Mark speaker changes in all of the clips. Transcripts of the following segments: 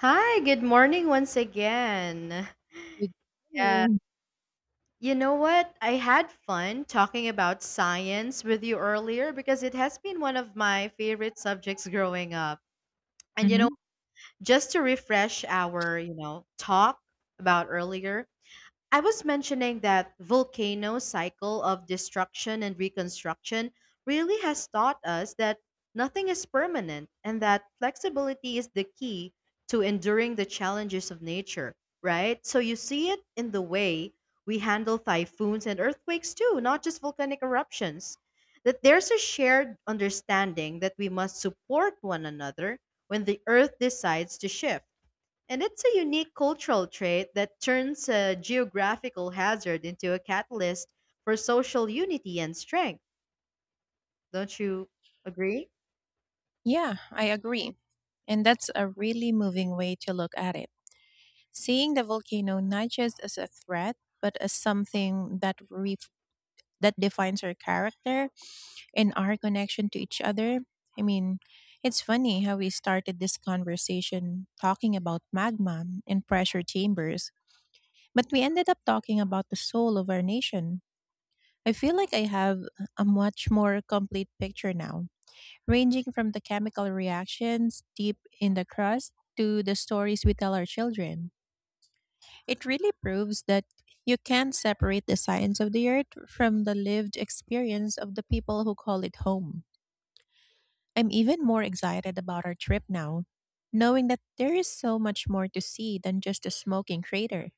Speaker 1: Hi, good morning once again.
Speaker 2: With
Speaker 1: Yeah.
Speaker 2: you.
Speaker 1: You know what? I had fun talking about science with you earlier because it has been one of my favorite subjects growing up. And
Speaker 2: Hmm.
Speaker 1: just to refresh our talk about earlier, I was mentioning that volcano cycle of destruction and reconstruction really has taught us that nothing is permanent and that flexibility is the key to enduring the challenges of nature, right? So you see it in the way we handle typhoons and earthquakes too, not just volcanic eruptions. That there's a shared understanding that we must support one another when the earth decides to shift, and it's a unique cultural trait that turns a geographical hazard into a catalyst for social unity and strength. Don't you agree?
Speaker 2: Yeah, I agree. And that's a really moving way to look at it. Seeing the volcano not just as a threat, but as something that that defines our character and our connection to each other. I mean, it's funny how we started this conversation talking about magma and pressure chambers, but we ended up talking about the soul of our nation. I feel like I have a much more complete picture now, ranging from the chemical reactions deep in the crust to the stories we tell our children. It really proves that you can't separate the science of the earth from the lived experience of the people who call it home. I'm even more excited about our trip now, knowing that there is so much more to see than just a smoking crater.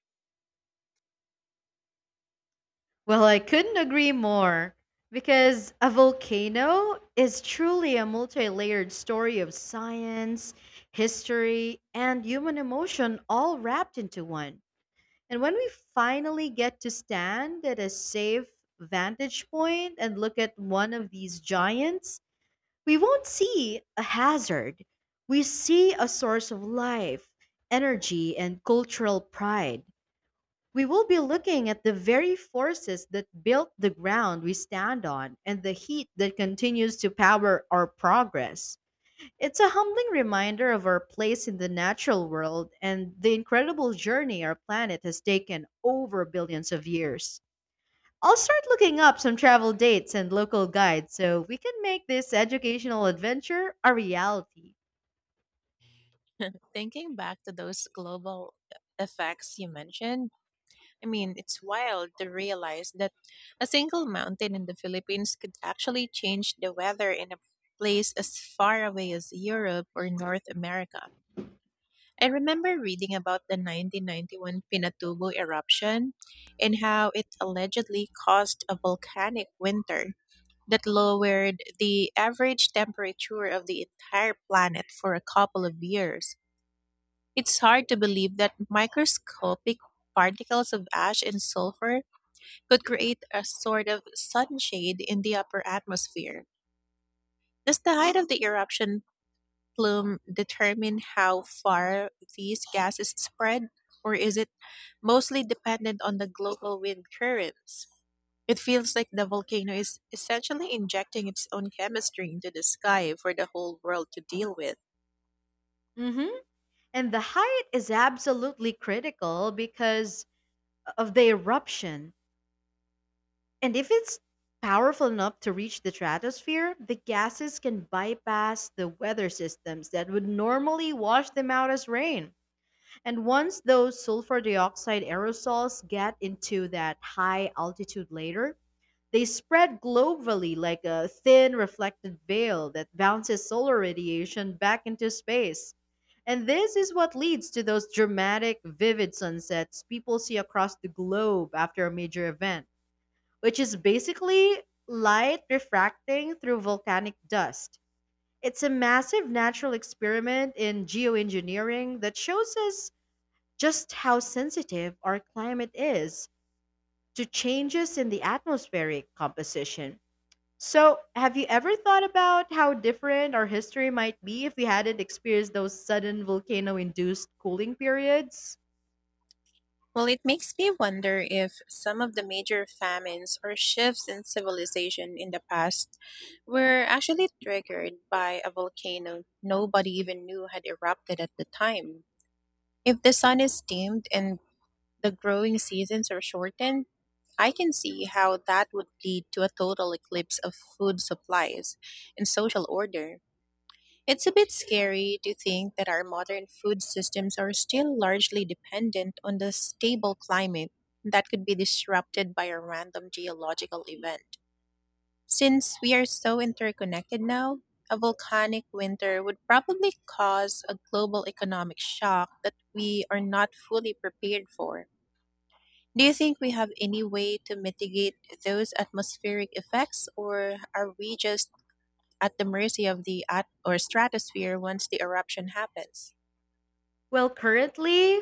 Speaker 1: Well, I couldn't agree more, because a volcano is truly a multi layered story of science, history, and human emotion all wrapped into one. And when we finally get to stand at a safe vantage point and look at one of these giants, we won't see a hazard. We see a source of life, energy, and cultural pride. We will be looking at the very forces that built the ground we stand on and the heat that continues to power our progress. It's a humbling reminder of our place in the natural world and the incredible journey our planet has taken over billions of years. I'll start looking up some travel dates and local guides so we can make this educational adventure a reality.
Speaker 2: Thinking back to those global effects you mentioned, I mean, it's wild to realize that a single mountain in the Philippines could actually change the weather in a place as far away as Europe or North America. I remember reading about the 1991 Pinatubo eruption and how it allegedly caused a volcanic winter that lowered the average temperature of the entire planet for a couple of years. It's hard to believe that microscopic particles of ash and sulfur could create a sort of sunshade in the upper atmosphere. Does the height of the eruption plume determine how far these gases spread, or is it mostly dependent on the global wind currents? It feels like the volcano is essentially injecting its own chemistry into the sky for the whole world to deal with.
Speaker 1: hmm And the height is absolutely critical, because of the eruption. And if it's powerful enough to reach the stratosphere, the gases can bypass the weather systems that would normally wash them out as rain. And once those sulfur dioxide aerosols get into that high altitude layer, they spread globally like a thin reflected veil that bounces solar radiation back into space. And this is what leads to those dramatic, vivid sunsets people see across the globe after a major event, which is basically light refracting through volcanic dust. It's a massive natural experiment in geoengineering that shows us just how sensitive our climate is to changes in the atmospheric composition. So, have you ever thought about how different our history might be if we hadn't experienced those sudden volcano induced cooling periods?
Speaker 2: Well, it makes me wonder if some of the major famines or shifts in civilization in the past were actually triggered by a volcano nobody even knew had erupted at the time. If the sun is dimmed and the growing seasons are shortened, I can see how that would lead to a total eclipse of food supplies and social order. It's a bit scary to think that our modern food systems are still largely dependent on the stable climate that could be disrupted by a random geological event. Since we are so interconnected now, a volcanic winter would probably cause a global economic shock that we are not fully prepared for. Do you think we have any way to mitigate those atmospheric effects, or are we just at the mercy of the or stratosphere once the eruption happens?
Speaker 1: Well, currently,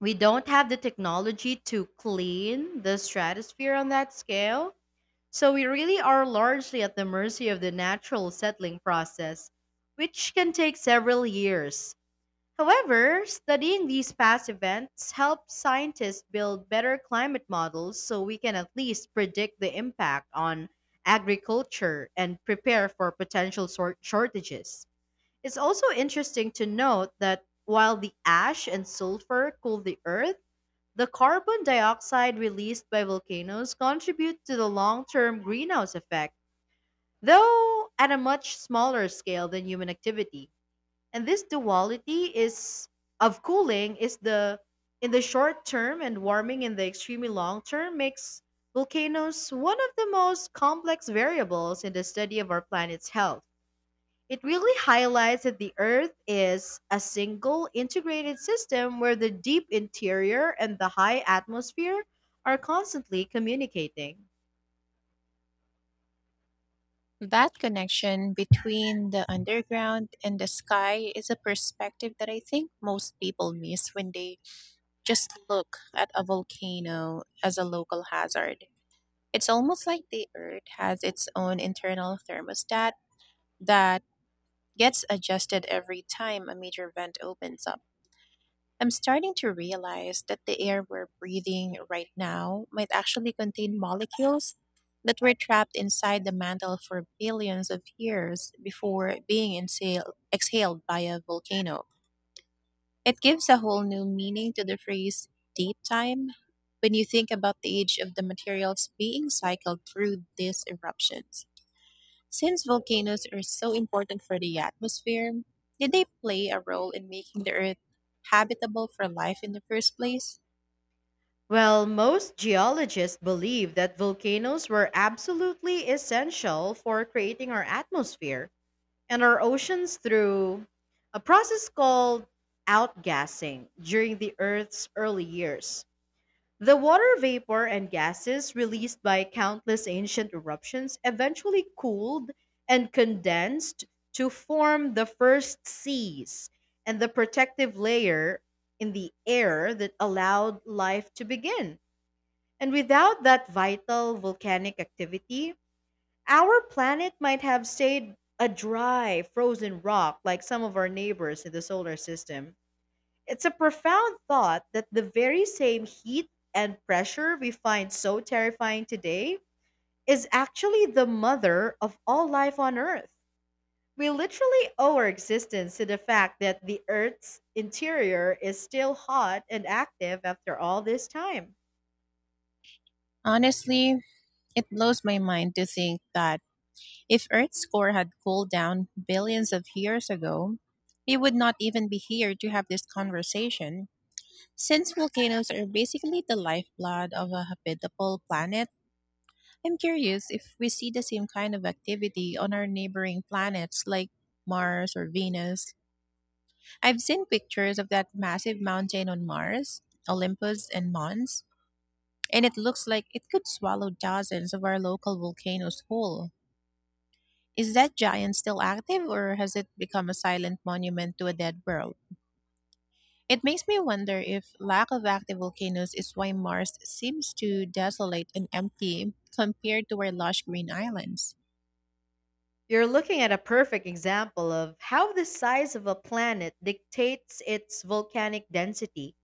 Speaker 1: we don't have the technology to clean the stratosphere on that scale. So, we really are largely at the mercy of the natural settling process, which can take several years. However, studying these past events helps scientists build better climate models so we can at least predict the impact on agriculture and prepare for potential shortages. It's also interesting to note that while the ash and sulfur cool the earth, the carbon dioxide released by volcanoes contribute to the long term greenhouse effect, though at a much smaller scale than human activity. And this duality is of cooling is the in the short term and warming in the extremely long term makes volcanoes one of the most complex variables in the study of our planet's health. It really highlights that the Earth is a single integrated system where the deep interior and the high atmosphere are constantly communicating.
Speaker 2: That connection between the underground and the sky is a perspective that I think most people miss when they just look at a volcano as a local hazard. It's almost like the Earth has its own internal thermostat that gets adjusted every time a major vent opens up. I'm starting to realize that the air we're breathing right now might actually contain molecules that were trapped inside the mantle for billions of years before being exhaled by a volcano. It gives a whole new meaning to the phrase deep time when you think about the age of the materials being cycled through these eruptions. Since volcanoes are so important for the atmosphere, did they play a role in making the Earth habitable for life in the first place?
Speaker 1: Well, most geologists believe that volcanoes were absolutely essential for creating our atmosphere and our oceans through a process called outgassing during the Earth's early years. The water vapor and gases released by countless ancient eruptions eventually cooled and condensed to form the first seas and the protective layer in the air that allowed life to begin. And without that vital volcanic activity, our planet might have stayed a dry, frozen rock like some of our neighbors in the solar system. It's a profound thought that the very same heat and pressure we find so terrifying today is actually the mother of all life on Earth. We literally owe our existence to the fact that the Earth's interior is still hot and active after all this time.
Speaker 2: Honestly, it blows my mind to think that if Earth's core had cooled down billions of years ago, we would not even be here to have this conversation. Since volcanoes are basically the lifeblood of a habitable planet, I'm curious if we see the same kind of activity on our neighboring planets like Mars or Venus. I've seen pictures of that massive mountain on Mars, Olympus and Mons, and it looks like it could swallow dozens of our local volcanoes whole. Is that giant still active or has it become a silent monument to a dead world? It makes me wonder if lack of active volcanoes is why Mars seems to desolate and empty compared to our lush green islands.
Speaker 1: You're looking at a perfect example of how the size of a planet dictates its volcanic density,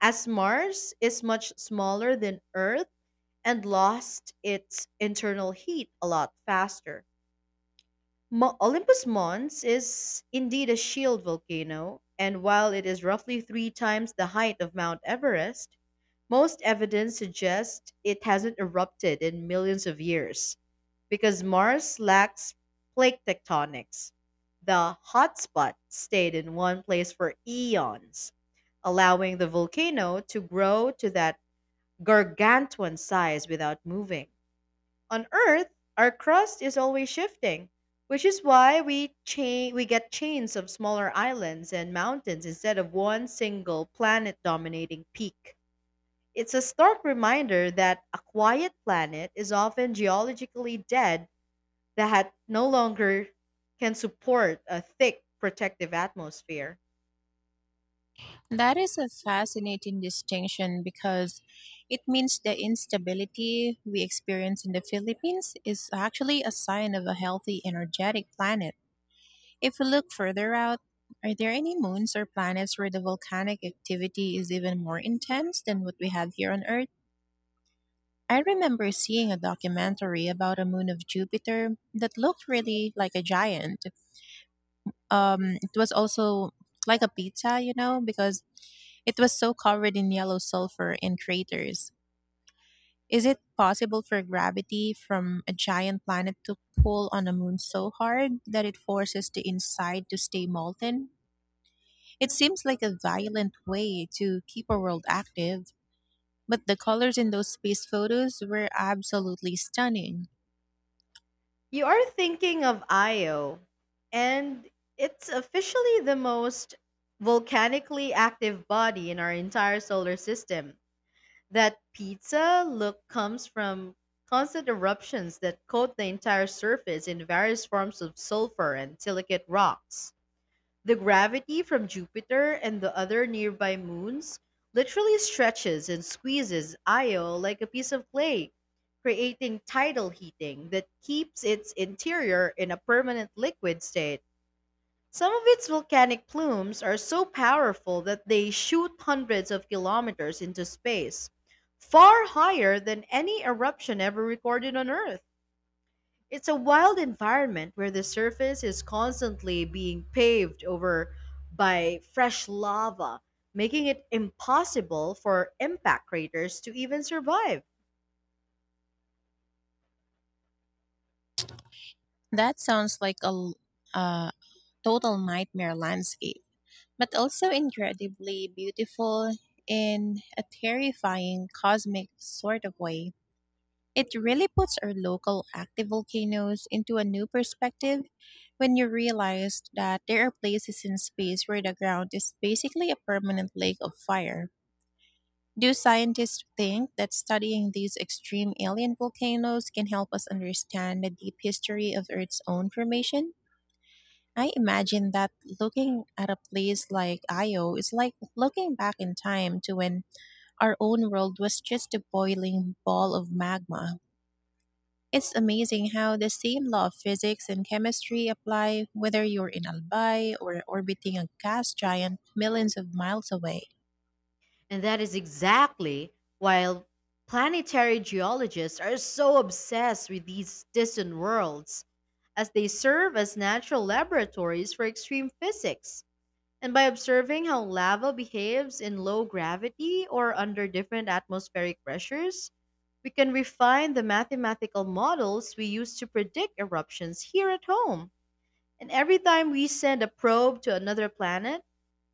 Speaker 1: as Mars is much smaller than Earth and lost its internal heat a lot faster. Olympus Mons is indeed a shield volcano, and while it is roughly three times the height of Mount Everest, most evidence suggests it hasn't erupted in millions of years. Because Mars lacks plate tectonics, the hotspot stayed in one place for eons, allowing the volcano to grow to that gargantuan size without moving. On Earth, our crust is always shifting, which is why we get chains of smaller islands and mountains instead of one single planet dominating peak. It's a stark reminder that a quiet planet is often geologically dead, that no longer can support a thick protective atmosphere.
Speaker 2: That is a fascinating distinction because it means the instability we experience in the Philippines is actually a sign of a healthy, energetic planet. If we look further out, are there any moons or planets where the volcanic activity is even more intense than what we have here on Earth? I remember seeing a documentary about a moon of Jupiter that looked really like a giant. It was also like a pizza, you know, because it was so covered in yellow sulfur and craters. Is it possible for gravity from a giant planet to pull on a moon so hard that it forces the inside to stay molten? It seems like a violent way to keep a world active, but the colors in those space photos were absolutely stunning.
Speaker 1: You are thinking of Io, and it's officially the most volcanically active body in our entire solar system. That pizza look comes from constant eruptions that coat the entire surface in various forms of sulfur and silicate rocks. The gravity from Jupiter and the other nearby moons literally stretches and squeezes Io like a piece of clay, creating tidal heating that keeps its interior in a permanent liquid state. Some of its volcanic plumes are so powerful that they shoot hundreds of kilometers into space, far higher than any eruption ever recorded on Earth. It's a wild environment where the surface is constantly being paved over by fresh lava, making it impossible for impact craters to even survive.
Speaker 2: That sounds like a uh, total nightmare landscape, but also incredibly beautiful in a terrifying cosmic sort of way. It really puts our local active volcanoes into a new perspective when you realize that there are places in space where the ground is basically a permanent lake of fire. Do scientists think that studying these extreme alien volcanoes can help us understand the deep history of Earth's own formation? I imagine that looking at a place like Io is like looking back in time to when our own world was just a boiling ball of magma. It's amazing how the same law of physics and chemistry apply whether you're in Albay or orbiting a gas giant millions of miles away.
Speaker 1: And that is exactly why planetary geologists are so obsessed with these distant worlds, as they serve as natural laboratories for extreme physics. And by observing how lava behaves in low gravity or under different atmospheric pressures, we can refine the mathematical models we use to predict eruptions here at home. And every time we send a probe to another planet,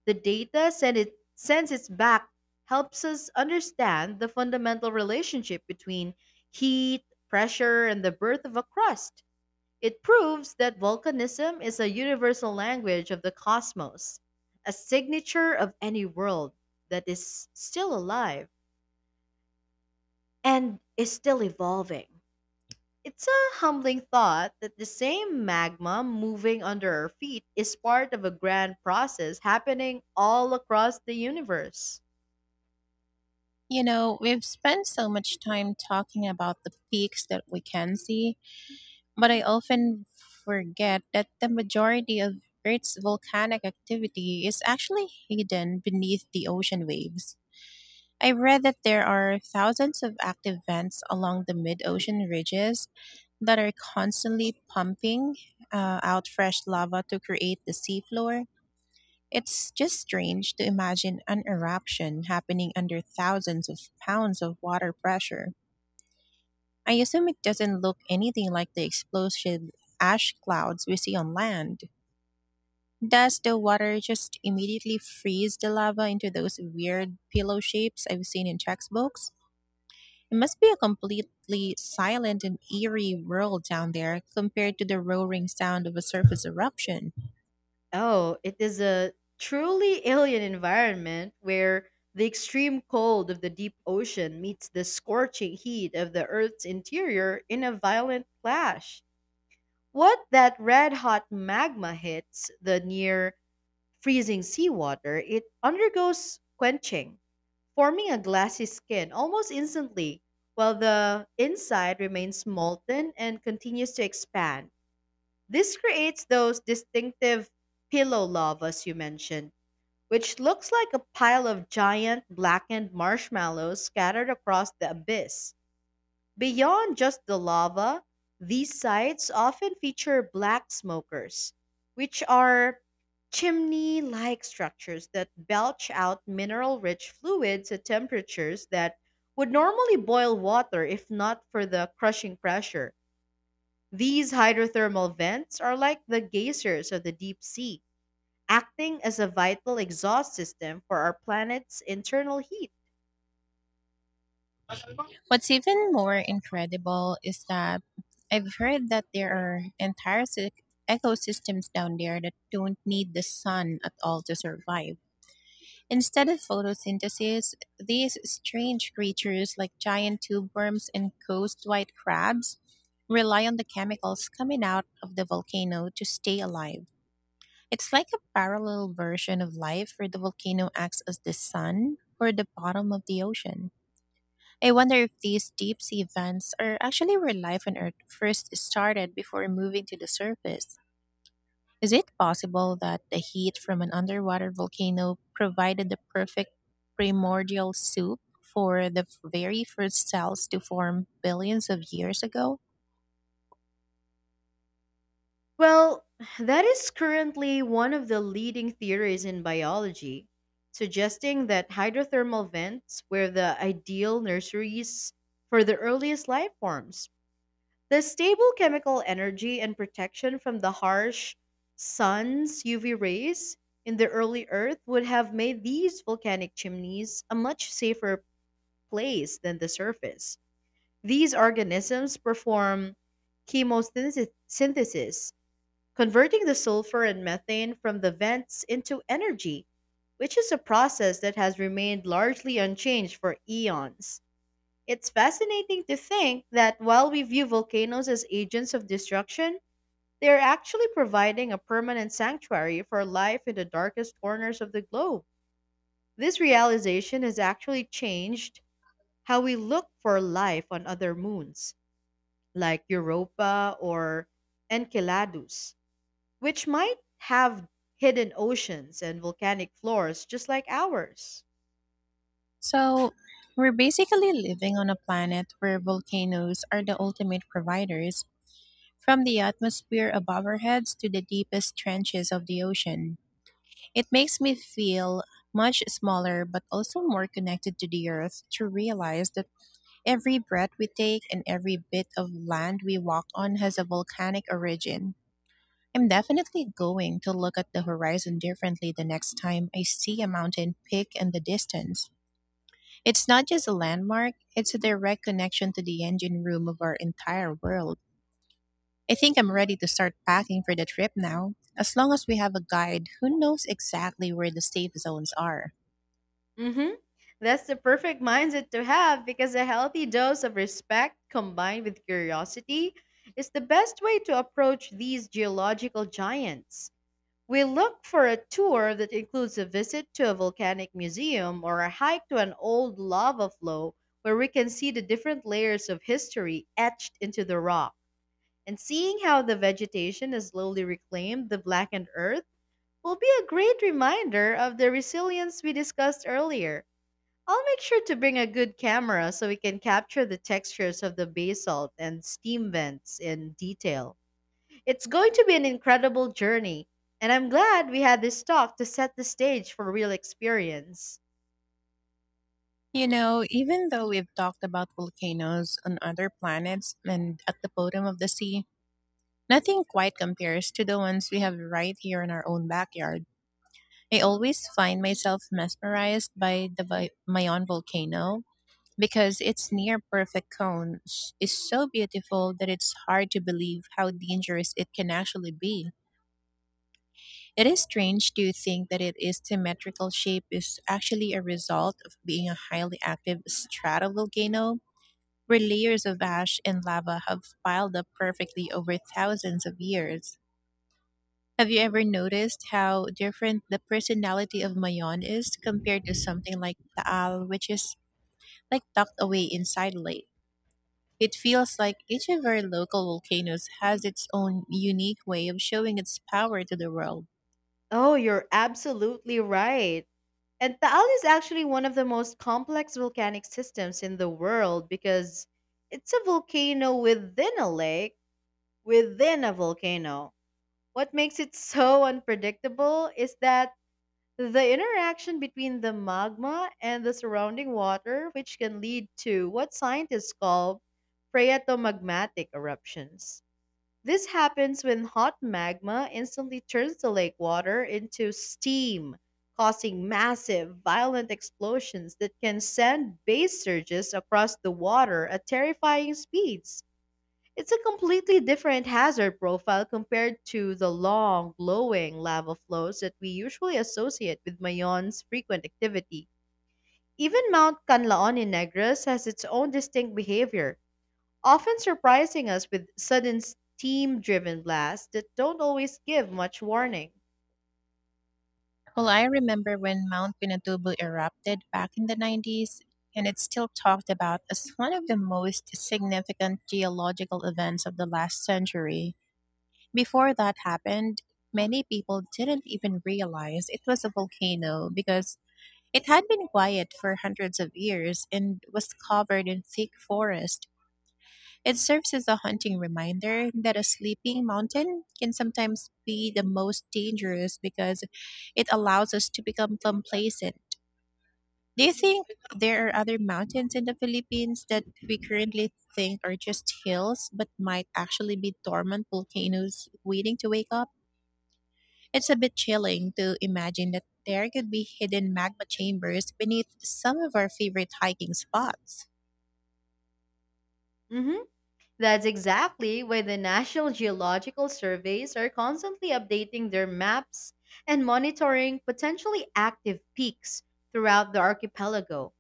Speaker 1: the data sends its back, helps us understand the fundamental relationship between heat, pressure, and the birth of a crust. It proves that volcanism is a universal language of the cosmos, a signature of any world that is still alive and is still evolving. It's a humbling thought that the same magma moving under our feet is part of a grand process happening all across the universe.
Speaker 2: You know, we've spent so much time talking about the peaks that we can see, but I often forget that the majority of Earth's volcanic activity is actually hidden beneath the ocean waves. I read that there are thousands of active vents along the mid ocean ridges that are constantly pumping out fresh lava to create the seafloor. It's just strange to imagine an eruption happening under thousands of pounds of water pressure. I assume it doesn't look anything like the explosive ash clouds we see on land. Does the water just immediately freeze the lava into those weird pillow shapes I've seen in textbooks? It must be a completely silent and eerie world down there compared to the roaring sound of a surface eruption.
Speaker 1: Oh, it is a truly alien environment where the extreme cold of the deep ocean meets the scorching heat of the Earth's interior in a violent clash. What that red hot magma hits the near freezing seawater, it undergoes quenching, forming a glassy skin almost instantly, while the inside remains molten and continues to expand. This creates those distinctive pillow lavas you mentioned, which looks like a pile of giant blackened marshmallows scattered across the abyss. Beyond just the lava, these sites often feature black smokers, which are chimney like structures that belch out mineral rich fluids at temperatures that would normally boil water if not for the crushing pressure. These hydrothermal vents are like the geysers of the deep sea, acting as a vital exhaust system for our planet's internal heat.
Speaker 2: What's even more incredible is that I've heard that there are entire ecosystems down there that don't need the sun at all to survive. Instead of photosynthesis, these strange creatures like giant tube worms and coast white crabs rely on the chemicals coming out of the volcano to stay alive. It's like a parallel version of life where the volcano acts as the sun for the bottom of the ocean. I wonder if these deep sea vents are actually where life on Earth first started before moving to the surface. Is it possible that the heat from an underwater volcano provided the perfect primordial soup for the very first cells to form billions of years ago?
Speaker 1: Well, that is currently one of the leading theories in biology, suggesting that hydrothermal vents were the ideal nurseries for the earliest life forms. The stable chemical energy and protection from the harsh sun's UV rays in the early Earth would have made these volcanic chimneys a much safer place than the surface. These organisms perform chemosynthesis, converting the sulfur and methane from the vents into energy, which is a process that has remained largely unchanged for eons. It's fascinating to think that while we view volcanoes as agents of destruction, they are actually providing a permanent sanctuary for life in the darkest corners of the globe. This realization has actually changed how we look for life on other moons like Europa or Enceladus, which might have hidden oceans and volcanic floors just like ours.
Speaker 2: So, we're basically living on a planet where volcanoes are the ultimate providers. From the atmosphere above our heads to the deepest trenches of the ocean, it makes me feel much smaller but also more connected to the earth to realize that every breath we take and every bit of land we walk on has a volcanic origin. I'm definitely going to look at the horizon differently the next time I see a mountain peak in the distance. It's not just a landmark, it's a direct connection to the engine room of our entire world. I think I'm ready to start packing for the trip now, as long as we have a guide who knows exactly where the safe zones are.
Speaker 1: hmm That's the perfect mindset to have, because a healthy dose of respect combined with curiosity is the best way to approach these geological giants. We look for a tour that includes a visit to a volcanic museum or a hike to an old lava flow where we can see the different layers of history etched into the rock. And seeing how the vegetation has slowly reclaimed the blackened earth will be a great reminder of the resilience we discussed earlier. I'll make sure to bring a good camera so we can capture the textures of the basalt and steam vents in detail. It's going to be an incredible journey, and I'm glad we had this talk to set the stage for real experience.
Speaker 2: You know, even though we've talked about volcanoes on other planets and at the bottom of the sea, nothing quite compares to the ones we have right here in our own backyard. I always find myself mesmerized by the Mayon volcano because its near perfect cone is so beautiful that it's hard to believe how dangerous it can actually be. It is strange to think that it is symmetrical shape is actually a result of being a highly active stratovolcano where layers of ash and lava have piled up perfectly over thousands of years. Have you ever noticed how different the personality of Mayon is compared to something like Taal, which is like tucked away inside a lake? It feels like each of our local volcanoes has its own unique way of showing its power to the world.
Speaker 1: Oh, you're absolutely right. And Taal is actually one of the most complex volcanic systems in the world, because it's a volcano within a lake, within a volcano. What makes it so unpredictable is that the interaction between the magma and the surrounding water, which can lead to what scientists call phreatomagmatic eruptions. This happens when hot magma instantly turns the lake water into steam, causing massive, violent explosions that can send base surges across the water at terrifying speeds. It's a completely different hazard profile compared to the long, glowing lava flows that we usually associate with Mayon's frequent activity. Even Mount Canlaon in Negros has its own distinct behavior, often surprising us with sudden steam driven blasts that don't always give much warning.
Speaker 2: Well, I remember when Mount Pinatubo erupted back in the 90s, and it's still talked about as one of the most significant geological events of the last century. Before that happened, many people didn't even realize it was a volcano because it had been quiet for hundreds of years and was covered in thick forest. It serves as a haunting reminder that a sleeping mountain can sometimes be the most dangerous because it allows us to become complacent. Do you think there are other mountains in the Philippines that we currently think are just hills but might actually be dormant volcanoes waiting to wake up? It's a bit chilling to imagine that there could be hidden magma chambers beneath some of our favorite hiking spots.
Speaker 1: Mhm. That's exactly why the National Geological Surveys are constantly updating their maps and monitoring potentially active peaks throughout the archipelago.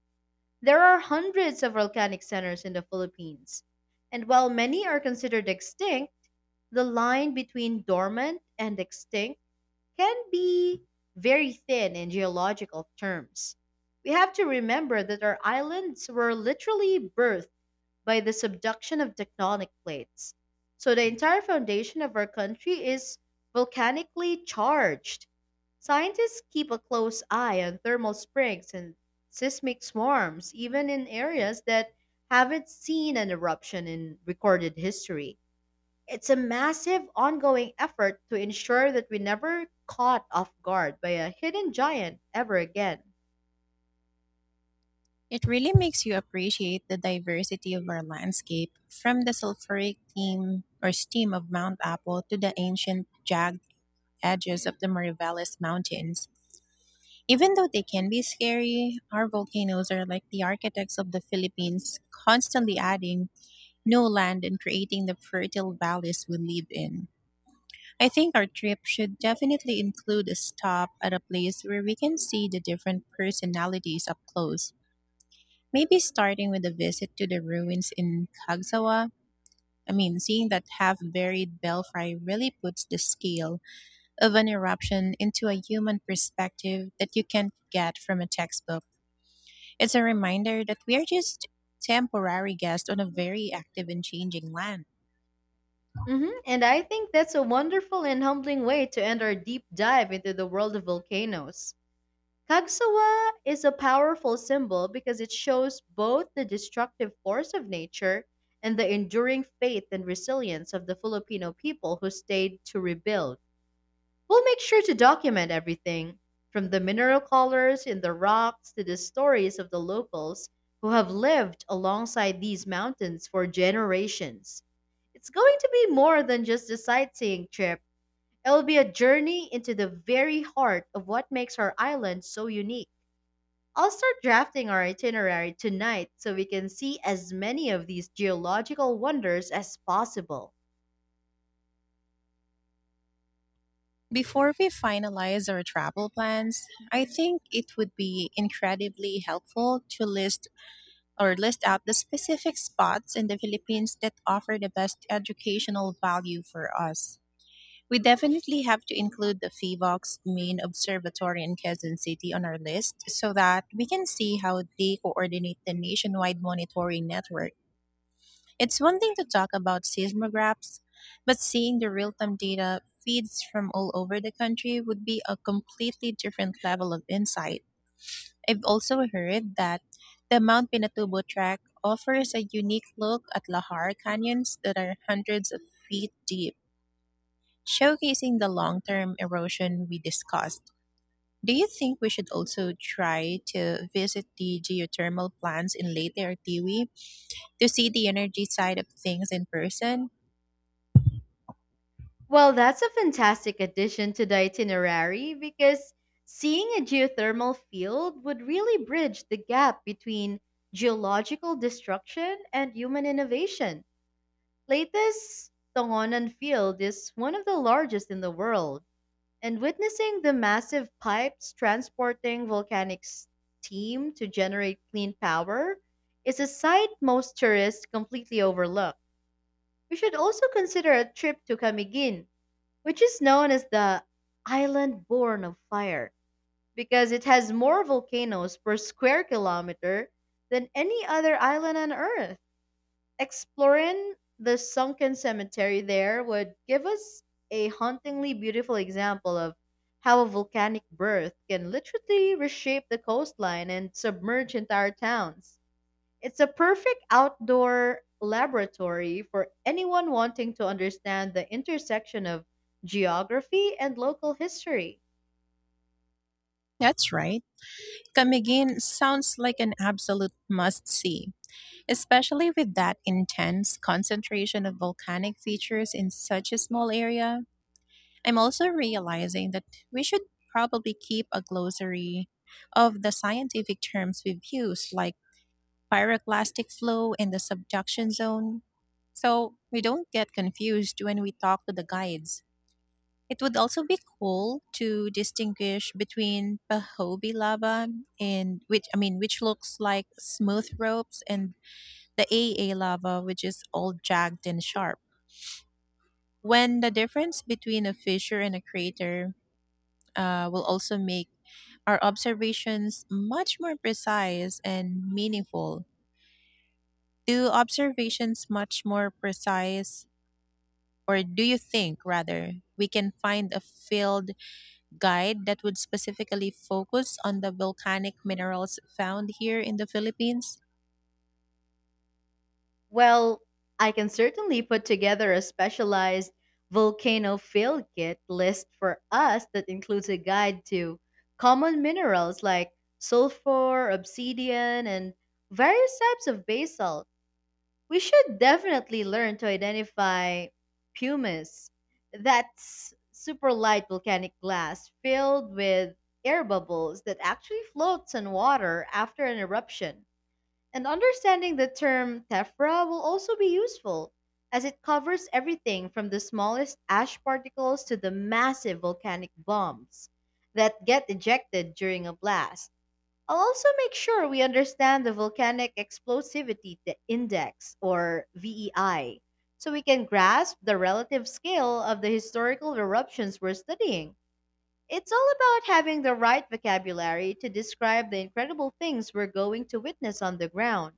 Speaker 1: There are hundreds of volcanic centers in the Philippines, and while many are considered extinct, the line between dormant and extinct can be very thin in geological terms. We have to remember that our islands were literally birthed by the subduction of tectonic plates. So the entire foundation of our country is volcanically charged. Scientists keep a close eye on thermal springs and seismic swarms, even in areas that haven't seen an eruption in recorded history. It's a massive ongoing effort to ensure that we never caught off guard by a hidden giant ever again.
Speaker 2: It really makes you appreciate the diversity of our landscape, from the sulfuric theme or steam of Mount Apo to the ancient jagged edges of the Mariveles Mountains. Even though they can be scary, our volcanoes are like the architects of the Philippines, constantly adding new land and creating the fertile valleys we live in. I think our trip should definitely include a stop at a place where we can see the different personalities up close. Maybe starting with a visit to the ruins in Kagsawa. I mean, seeing that half buried belfry really puts the scale of an eruption into a human perspective that you can't get from a textbook. It's a reminder that we are just temporary guests on a very active and changing land.
Speaker 1: And I think that's a wonderful and humbling way to end our deep dive into the world of volcanoes. Kagsawa is a powerful symbol because it shows both the destructive force of nature and the enduring faith and resilience of the Filipino people who stayed to rebuild. We'll make sure to document everything, from the mineral colors in the rocks to the stories of the locals who have lived alongside these mountains for generations. It's going to be more than just a sightseeing trip; it will be a journey into the very heart of what makes our island so unique. I'll start drafting our itinerary tonight so we can see as many of these geological wonders as possible.
Speaker 2: Before we finalize our travel plans, I think it would be incredibly helpful to list out the specific spots in the Philippines that offer the best educational value for us. We definitely have to include the FIVOC's main observatory in Quezon City on our list so that we can see how they coordinate the nationwide monitoring network. It's one thing to talk about seismographs, but seeing the real time data feeds from all over the country would be a completely different level of insight. I've also heard that the Mount Pinatubo Track offers a unique look at lahar canyons that are hundreds of feet deep, showcasing the long-term erosion we discussed. Do you think we should also try to visit the geothermal plants in Leyte or Tiwi to see the energy side of things in person?
Speaker 1: Well, that's a fantastic addition to the itinerary, because seeing a geothermal field would really bridge the gap between geological destruction and human innovation. Leyte's Tongonan Field is one of the largest in the world, and witnessing the massive pipes transporting volcanic steam to generate clean power is a sight most tourists completely overlook. We should also consider a trip to Camiguin, which is known as the island born of fire, because it has more volcanoes per square kilometer than any other island on Earth. Exploring the sunken cemetery there would give us a hauntingly beautiful example of how a volcanic birth can literally reshape the coastline and submerge entire towns. It's a perfect outdoor laboratory for anyone wanting to understand the intersection of geography and local history.
Speaker 2: That's right. Camiguin sounds like an absolute must see, especially with that intense concentration of volcanic features in such a small area. I'm also realizing that we should probably keep a glossary of the scientific terms we've used, like pyroclastic flow and the subduction zone, so we don't get confused when we talk to the guides. It would also be cool to distinguish between Pahobi lava and, which, I mean, which looks like smooth ropes, and the AA lava, which is all jagged and sharp. When the difference between a fissure and a crater will also make our observations much more precise and meaningful. Do observations much more precise, or do you think rather we can find a field guide that would specifically focus on the volcanic minerals found here in the Philippines?
Speaker 1: Well, I can certainly put together a specialized volcano field kit list for us that includes a guide to common minerals like sulfur, obsidian, and various types of basalt. We should definitely learn to identify pumice. That's super light volcanic glass filled with air bubbles that actually floats on water after an eruption. And understanding the term tephra will also be useful, as it covers everything from the smallest ash particles to the massive volcanic bombs that get ejected during a blast. I'll also make sure we understand the Volcanic Explosivity Index, or VEI, so we can grasp the relative scale of the historical eruptions we're studying. It's all about having the right vocabulary to describe the incredible things we're going to witness on the ground.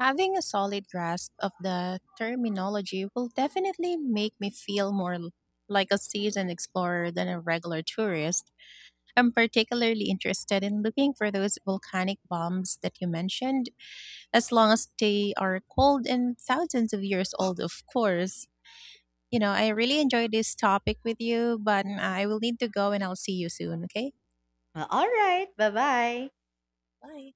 Speaker 2: Having a solid grasp of the terminology will definitely make me feel more like a seasoned explorer than a regular tourist. I'm particularly interested in looking for those volcanic bombs that you mentioned, as long as they are cold and thousands of years old, of course. You know, I really enjoyed this topic with you, but I will need to go and I'll see you soon, okay?
Speaker 1: Well, all right, bye bye.
Speaker 2: Bye.